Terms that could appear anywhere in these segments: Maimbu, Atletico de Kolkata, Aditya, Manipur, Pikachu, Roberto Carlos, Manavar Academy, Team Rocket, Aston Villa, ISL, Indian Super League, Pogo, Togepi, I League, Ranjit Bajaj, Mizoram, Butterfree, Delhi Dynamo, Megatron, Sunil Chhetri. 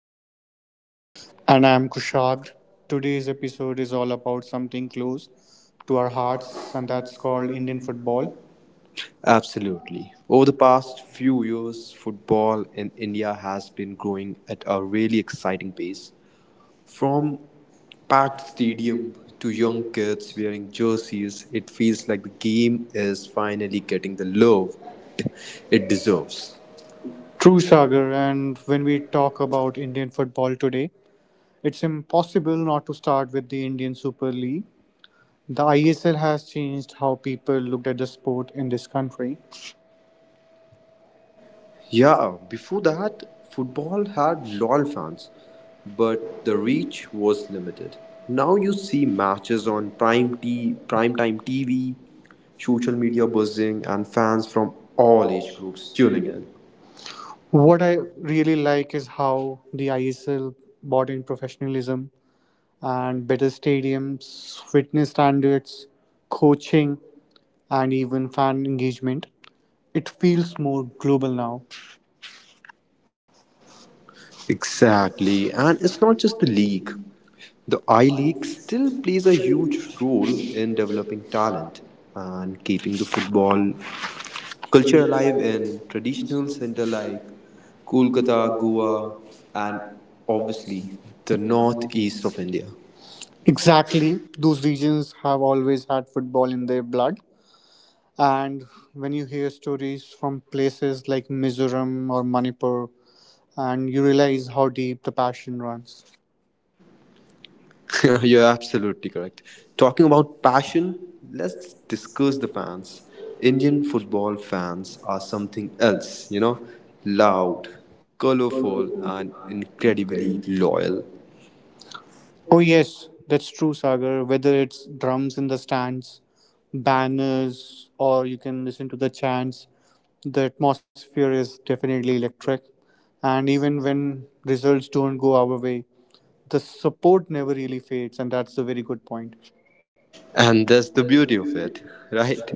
I am Sagar. And And I'm I'm Shah. Kushag. Today's Today's episode episode is is all all about about something something close close to to our our hearts, hearts, and and that's that's called called Indian Indian football. football. Absolutely. Over the past few years, football in India has been growing at a really exciting pace. From packed stadium to young kids wearing jerseys, it feels like the game is finally getting the love it deserves. True, Sagar. And when we talk about Indian football today, it's impossible not to start with the Indian Super League. The ISL has changed how people looked at the sport in this country. Yeah, before that, football had loyal fans, but the reach was limited. Now you see matches on primetime TV, social media buzzing, and fans from all age groups tuning in. What I really like is how the ISL brought in professionalism and better stadiums, fitness standards, coaching, and even fan engagement. It feels more global now. Exactly, and it's not just the league. The I League still plays a huge role in developing talent and keeping the football culture alive in traditional center like Kolkata, Goa, and obviously the northeast of India. Exactly, those regions have always had football in their blood. And when you hear stories from places like Mizoram or Manipur, and you realize how deep the passion runs. You're absolutely correct. Talking about passion, let's discuss the fans. Indian football fans are something else, you know, loud, colorful, and incredibly loyal. Oh, yes, that's true, Sagar. Whether it's drums in the stands, banners, or you can listen to the chants, the atmosphere is definitely electric. And even when results don't go our way, the support never really fades, and that's a very good point. And that's the beauty of it, right?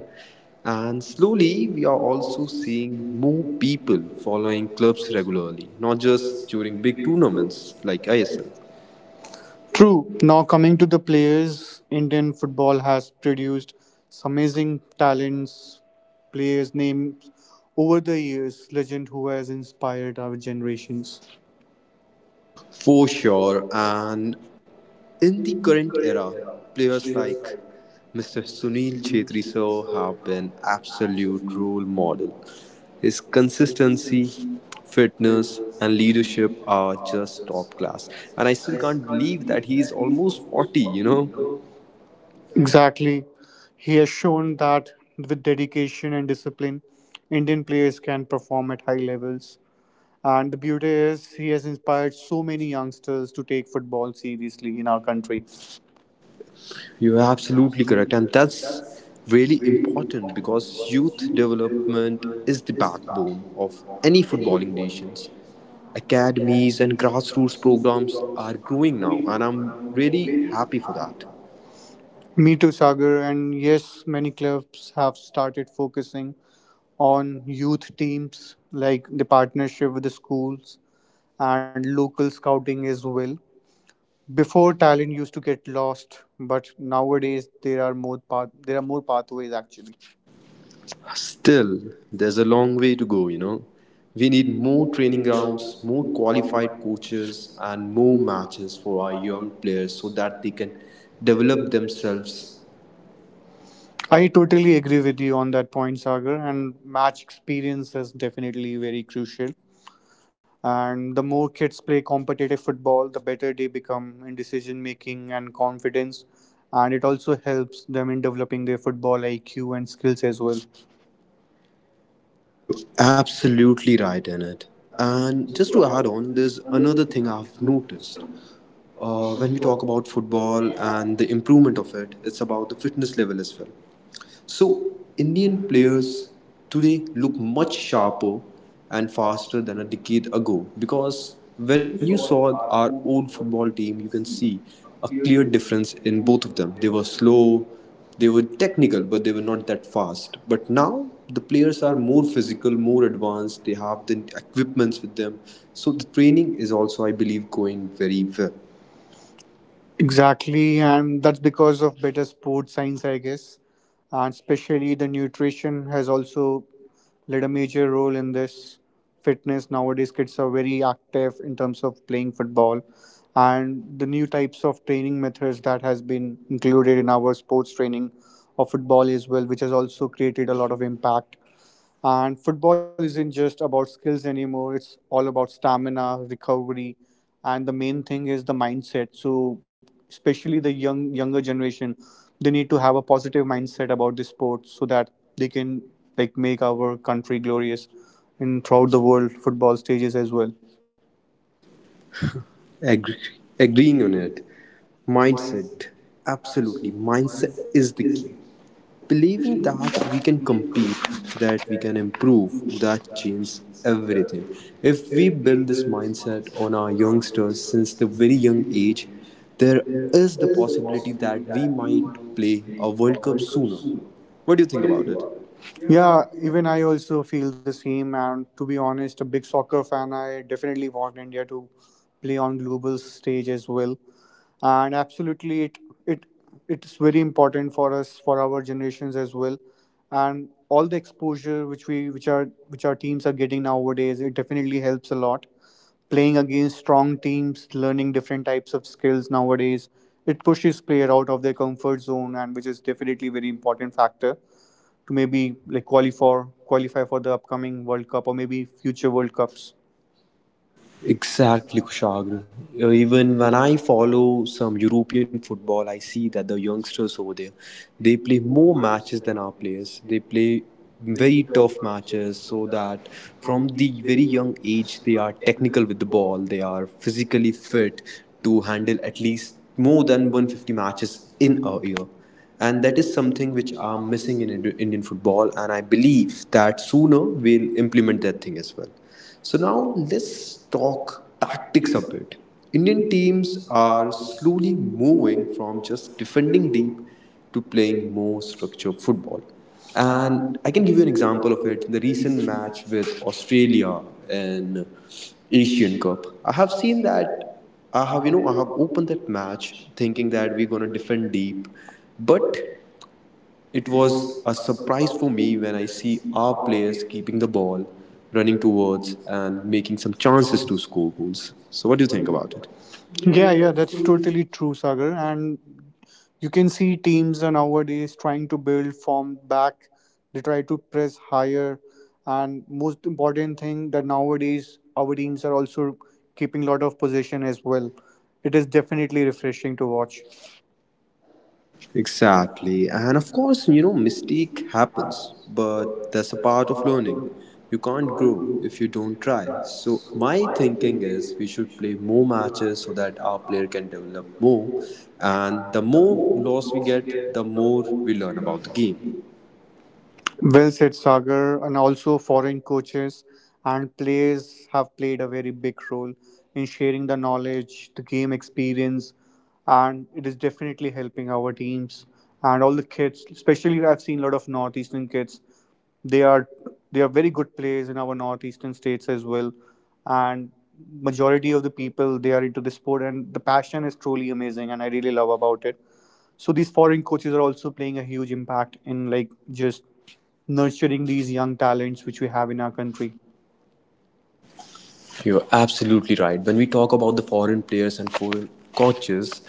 And slowly, we are also seeing more people following clubs regularly, not just during big tournaments like ISL. True. Now, coming to the players, Indian football has produced some amazing talents, players, names over the years, legend who has inspired our generations. For sure, and in the current era, players like Mr. Sunil Chhetri sir have been absolute role model. His consistency, fitness, and leadership are just top class. And I still can't believe that he is almost 40, you know? Exactly. He has shown that with dedication and discipline, Indian players can perform at high levels. And the beauty is, he has inspired so many youngsters to take football seriously in our country. You're absolutely correct. And that's really important because youth development is the backbone of any footballing nations. Academies and grassroots programs are growing now, and I'm really happy for that. Me too, Sagar. And yes, many clubs have started focusing on youth teams, like the partnership with the schools and local scouting as well. Before talent used to get lost, but nowadays there are more pathways actually. Still, there's a long way to go, you know. We need more training grounds, more qualified coaches, and more matches for our young players so that they can develop themselves. I totally agree with you on that point, Sagar, and match experience is definitely very crucial. And the more kids play competitive football, the better they become in decision making and confidence. And it also helps them in developing their football IQ and skills as well. You're absolutely right in it. And just to add on, there's another thing I've noticed. When we talk about football and the improvement of it, it's about the fitness level as well. So, Indian players today look much sharper and faster than a decade ago because when you saw our old football team, you can see a clear difference in both of them. They were slow, they were technical, but they were not that fast. But now the players are more physical, more advanced, they have the equipments with them. So, the training is also, I believe, going very well. Exactly, and that's because of better sports science, I guess. And especially the nutrition has also played a major role in this fitness. Nowadays, kids are very active in terms of playing football, and the new types of training methods that has been included in our sports training of football as well, which has also created a lot of impact. And football isn't just about skills anymore, it's all about stamina, recovery, and the main thing is the mindset. So, especially the younger generation, they need to have a positive mindset about this sport so that they can like make our country glorious in throughout the world football stages as well. Agree, agreeing on it. Mindset. Absolutely. Mindset is the key. Believing that we can compete, that we can improve, that changes everything. If we build this mindset on our youngsters since the very young age, there is the possibility that we might play a World Cup sooner. What do you think about it? Yeah, even I also feel the same. And to be honest, a big soccer fan, I definitely want India to play on global stage as well. And absolutely, it it's very important for us for our generations as well. And all the exposure which our teams are getting nowadays, it definitely helps a lot. Playing against strong teams, learning different types of skills nowadays, it pushes player out of their comfort zone, and which is definitely very important factor to maybe like qualify for the upcoming World Cup or maybe future World Cups. Exactly, Kushagra. Even when I follow some European football, I see that the youngsters over there, they play more matches than our players. They play very tough matches so that from the very young age, they are technical with the ball. They are physically fit to handle at least more than 150 matches in a year, and that is something which are missing in Indian football, and I believe that sooner we'll implement that thing as well. So now let's talk tactics a bit. Indian teams are slowly moving from just defending deep to playing more structured football, and I can give you an example of it. In the recent match with Australia in Asian Cup, I have seen that I have, you know, I have opened that match thinking that we're gonna defend deep, but it was a surprise for me when I see our players keeping the ball, running towards, and making some chances to score goals. So, what do you think about it? Yeah, yeah, that's totally true, Sagar. And you can see teams are nowadays trying to build from back. They try to press higher, and most important thing that nowadays our teams are also keeping lot of possession as well. It is definitely refreshing to watch. Exactly. And of course, you know, mistake happens, but that's a part of learning. You can't grow if you don't try. So, my thinking is we should play more matches so that our player can develop more. And the more loss we get, the more we learn about the game. Well said, Sagar, and also foreign coaches and players have played a very big role in sharing the knowledge, the game experience, and it is definitely helping our teams and all the kids. Especially, I've seen a lot of northeastern kids they are they are very good players in our northeastern states as well, and majority of the people they are into this sport and the passion is truly amazing and I really love about it. So these foreign coaches are also playing a huge impact in like just nurturing these young talents which we have in our country. You're absolutely right. When we talk about the foreign players and foreign coaches,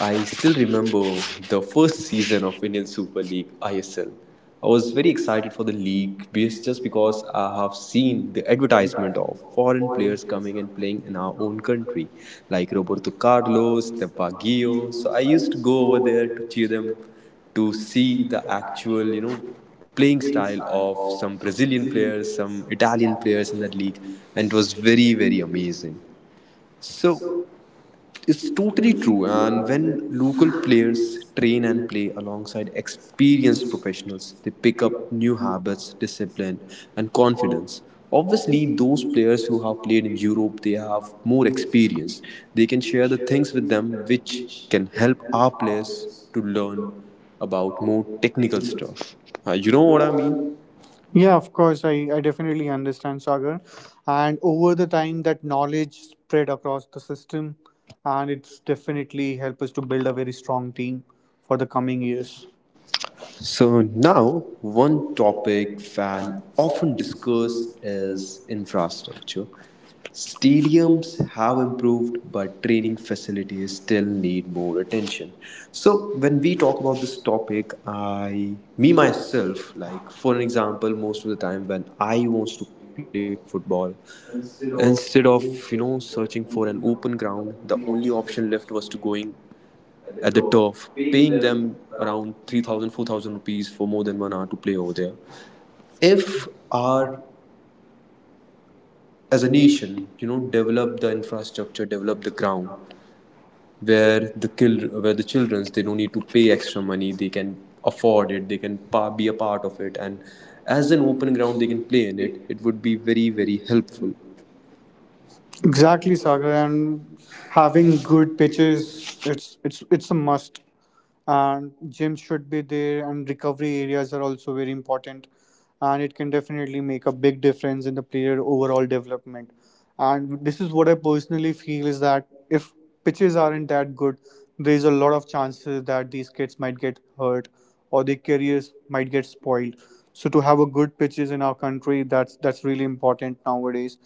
I still remember the first season of Indian Super League ISL. I was very excited for the league because just because I have seen the advertisement of foreign players coming and playing in our own country, like Roberto Carlos, the Baguio. So I used to go over there to cheer them, to see the actual, you know, playing style of some Brazilian players, some Italian players in that league, and it was very, very amazing. So it's totally true. And when local players train and play alongside experienced professionals, they pick up new habits, discipline, and confidence. Obviously, those players who have played in Europe, they have more experience. They can share the things with them which can help our players to learn about more technical stuff. You know what I mean? Yeah, of course, I definitely understand Sagar. And over the time, that knowledge spread across the system, and it's definitely helped us to build a very strong team for the coming years. So now one topic fan often discuss is infrastructure. Stadiums have improved, but training facilities still need more attention. So when we talk about this topic, I me myself, like for an example, most of the time when I wants to play football, instead of you know searching for an open ground, the only option left was to going at the turf, paying them around 3,000, 4,000 rupees for more than 1 hour to play over there. If our, as a nation, you know, develop the infrastructure, develop the ground where the childrens they don't need to pay extra money, they can afford it, they can be a part of it, and as an open ground they can play in it. It would be very very helpful. Exactly, Exactly, Sagar, sir. And and having having good good pitches, pitches. it's a must. And gyms should be there, and recovery areas are also very important, and it can definitely make a big difference in the player overall development. And this is what I personally feel is that if pitches aren't that good, there is a lot of chances that these kids might get hurt or their careers might get spoiled. So to have a good pitches in our country, that's really important nowadays.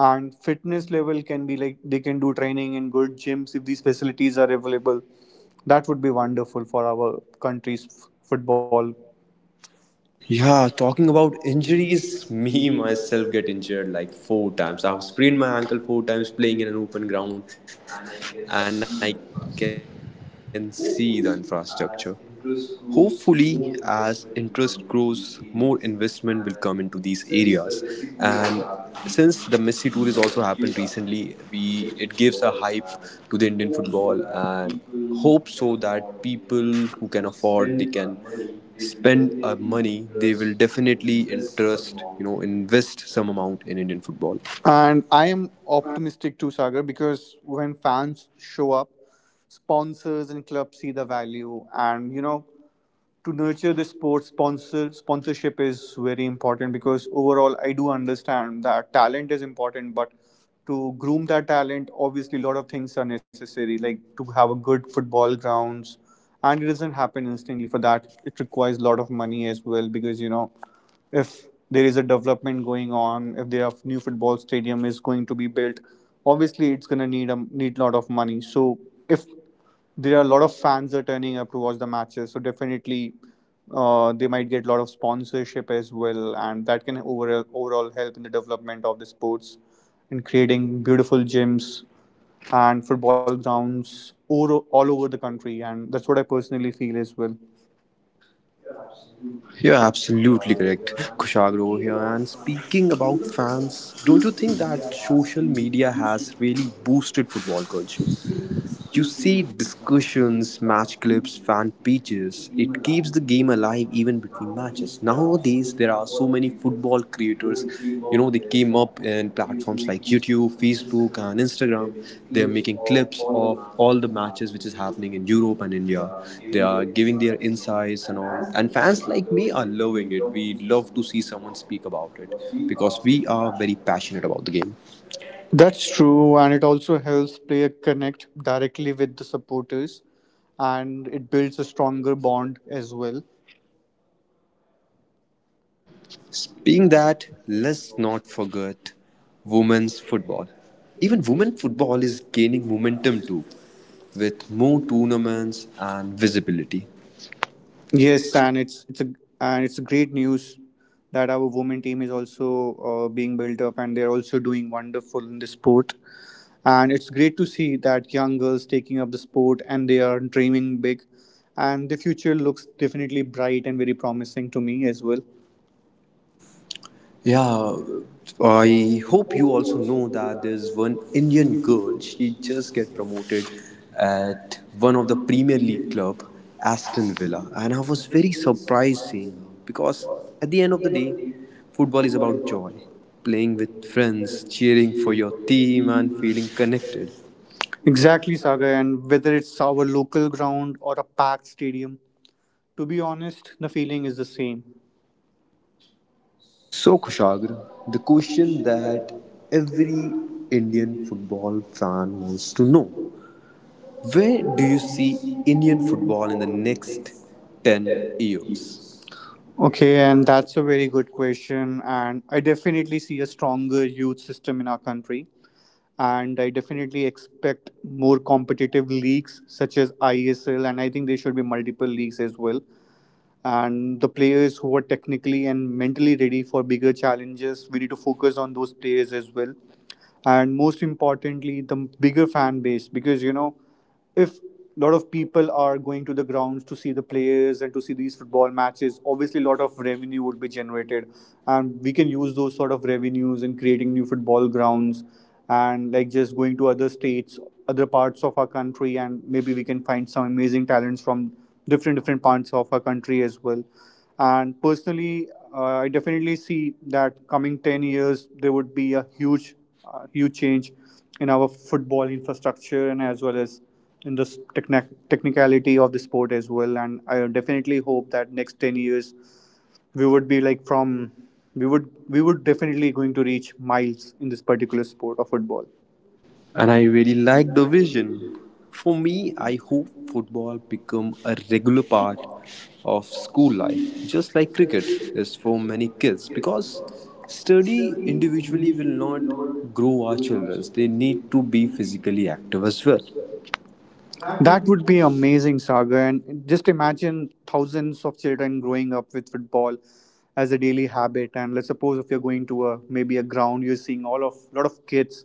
And fitness level can be like they can do training in good gyms if these facilities are available. That would be wonderful for our country's football. Yeah, talking about injuries, me myself get injured like 4 times. I've sprained my ankle 4 times playing in an open ground, and I can see the infrastructure. Hopefully, as interest grows, more investment will come into these areas. And since the Messi tour has also happened recently, we it gives a hype to the Indian football and hope so that people who can afford they can spend money. They will definitely interest you know invest some amount in Indian football. And I am optimistic too, Sagar, because when fans show up, sponsors and clubs see the value, and you know to nurture the sports sponsorship is very important because overall I do understand that talent is important, but to groom that talent, obviously a lot of things are necessary, like to have a good football grounds, and it doesn't happen instantly. For that, it requires a lot of money as well because you know if there is a development going on, if there are new football stadium is going to be built, obviously it's gonna need lot of money. So if there are a lot of fans are turning up to watch the matches, so definitely they might get a lot of sponsorship as well, and that can overall help in the development of the sports in creating beautiful gyms and football grounds all over the country, and that's what I personally feel as well. You're absolutely correct, Kushagra over here. And speaking about fans, don't you think that social media has really boosted football culture? You see discussions, match clips, fan pages. It keeps the game alive even between matches. Nowadays, there are so many football creators. You know, they came up in platforms like YouTube, Facebook, and Instagram. They are making clips of all the matches which is happening in Europe and India. They are giving their insights and all. And fans like me are loving it. We love to see someone speak about it because we are very passionate about the game. That's true, and it also helps player connect directly with the supporters, and it builds a stronger bond as well. Being that, let's not forget women's football. Even women football is gaining momentum too, with more tournaments and visibility. Yes, and it's a great news that our women team is also being built up and they're also doing wonderful in the sport. And it's great to see that young girls taking up the sport and they are dreaming big. And the future looks definitely bright and very promising to me as well. Yeah, I hope you also know that there's one Indian girl. She just get promoted at one of the Premier League club, Aston Villa, and I was very surprised seeing her because at the end of the day, football is about joy, playing with friends, cheering for your team, and feeling connected. So, Exactly, Saga. And whether it's our local ground or a packed stadium, to be honest, the feeling is the same. Kushagra, the question that every Indian football fan wants to know. Where do you see Indian football in the next 10 years? Okay, and that's a very good question. And I definitely see a stronger youth system in our country. And I definitely expect more competitive leagues such as ISL, and I think there should be multiple leagues as well. And the players who are technically and mentally ready for bigger challenges, we need to focus on those players as well and most importantly the bigger fan base because you know if a lot of people are going to the grounds to see the players and to see these football matches obviously a lot of revenue would be generated and we can use those sort of revenues in creating new football grounds and like just going to other states other parts of our country and maybe we can find some amazing talents from different parts of our country as well and personally I definitely see that coming 10 years there would be a huge change in our football infrastructure and as well as in the technicality of the sport as well. And I definitely hope that next 10 years we would be like from we would definitely going to reach miles in this particular sport of football. And I really like the vision. For me, I hope football become a regular part of school life, just like cricket is for many kids because study individually will not grow our children. They need to be physically active as well. That would be amazing, Saga. And just imagine thousands of children growing up with football as a daily habit. And let's suppose if you're going to a maybe a ground, you're seeing all of lot of kids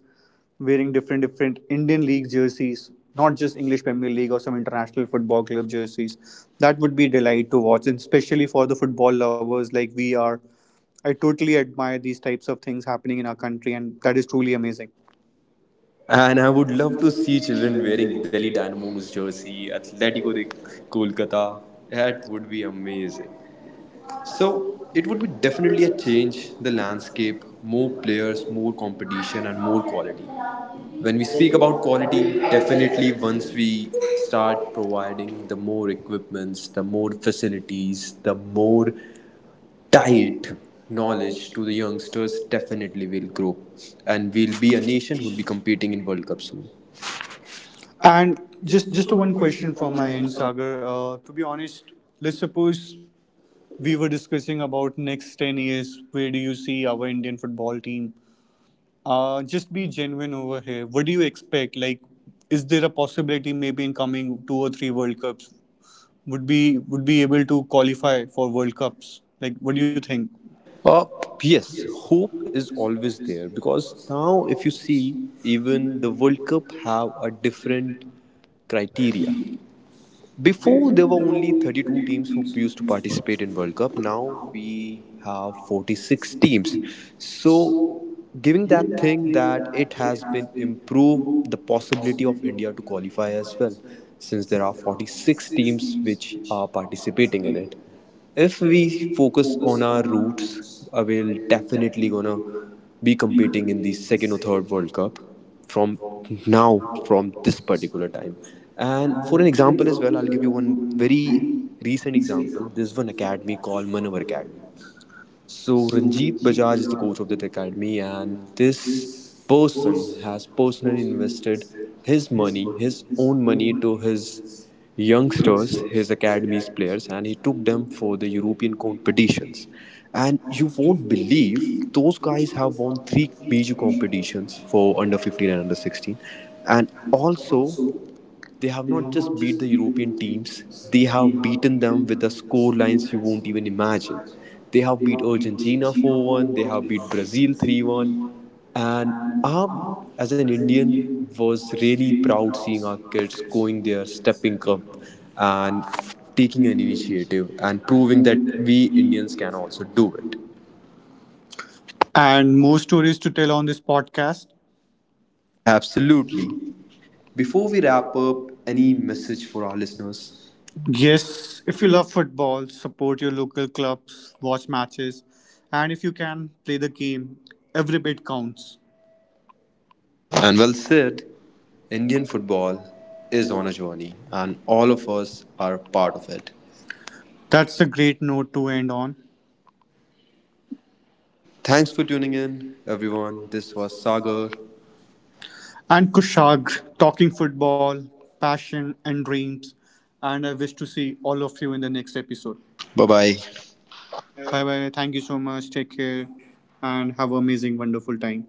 wearing different Indian league jerseys, not just English Premier League or some international football club jerseys. That would be a delight to watch, and especially for the football lovers like we are. I totally admire these types of things happening in our country, and that is truly amazing. And I would love to see children wearing Delhi Dynamo's jersey, Atletico de Kolkata. That would be amazing. So it would be definitely a change the landscape, more players, more competition, and more quality. When we speak about quality, definitely once we start providing the more equipments, the more facilities, the more diet knowledge to the youngsters, definitely will grow, and we'll be a nation who'll be competing in World Cup soon. And And just just just one one question question for from my my end. end, Sir. Sagar. To be honest, let's suppose we were discussing about next 10 years. Where do you see our Indian football team? Just be genuine over here. What do you expect? Like, is there a possibility maybe in coming two or three World Cups would be able to qualify for World Cups? Like, what do you think? Uh, yes, hope is always there because now, if you see, even the World Cup have a different criteria. Before there were only 32 teams who used to participate in World Cup. Now we have 46 teams. So giving that thing that it has been improved the possibility of India to qualify as well, since there are 46 teams which are participating in it, if we focus on our roots, we'll definitely gonna be competing in the second or third World Cup from now, from this particular time. And for an example as well, I'll give you one very recent example. There's one academy called Manavar Academy. So Ranjit Bajaj is the coach of that academy, and this person has personally invested his money, his own money, to his youngsters, his academy's players, and he took them for the European competitions. And you won't believe those guys have won three major competitions for under 15 and under 16, and also they have not just beat the European teams, they have beaten them with the score lines you won't even imagine. They have beat Argentina 4-1, they have beat Brazil 3-1. And I, as an Indian, was really proud seeing our kids going there, stepping up, and taking an initiative and proving that we Indians can also do it. And more stories to tell on this podcast. Absolutely. Before we wrap up, any message for our listeners? Yes, And if you love football, support your local clubs, watch matches, and if you can, play the game. Every bit counts. well said. Indian football is on a journey, and all of us are part of it. That's a great note to end on. Thanks for tuning in, everyone. This was Sagar. And Kushag, talking football, passion, and dreams. And I wish to see all of you in the next episode. Bye bye. Bye bye. Thank you so much. Take care and have an amazing, wonderful time.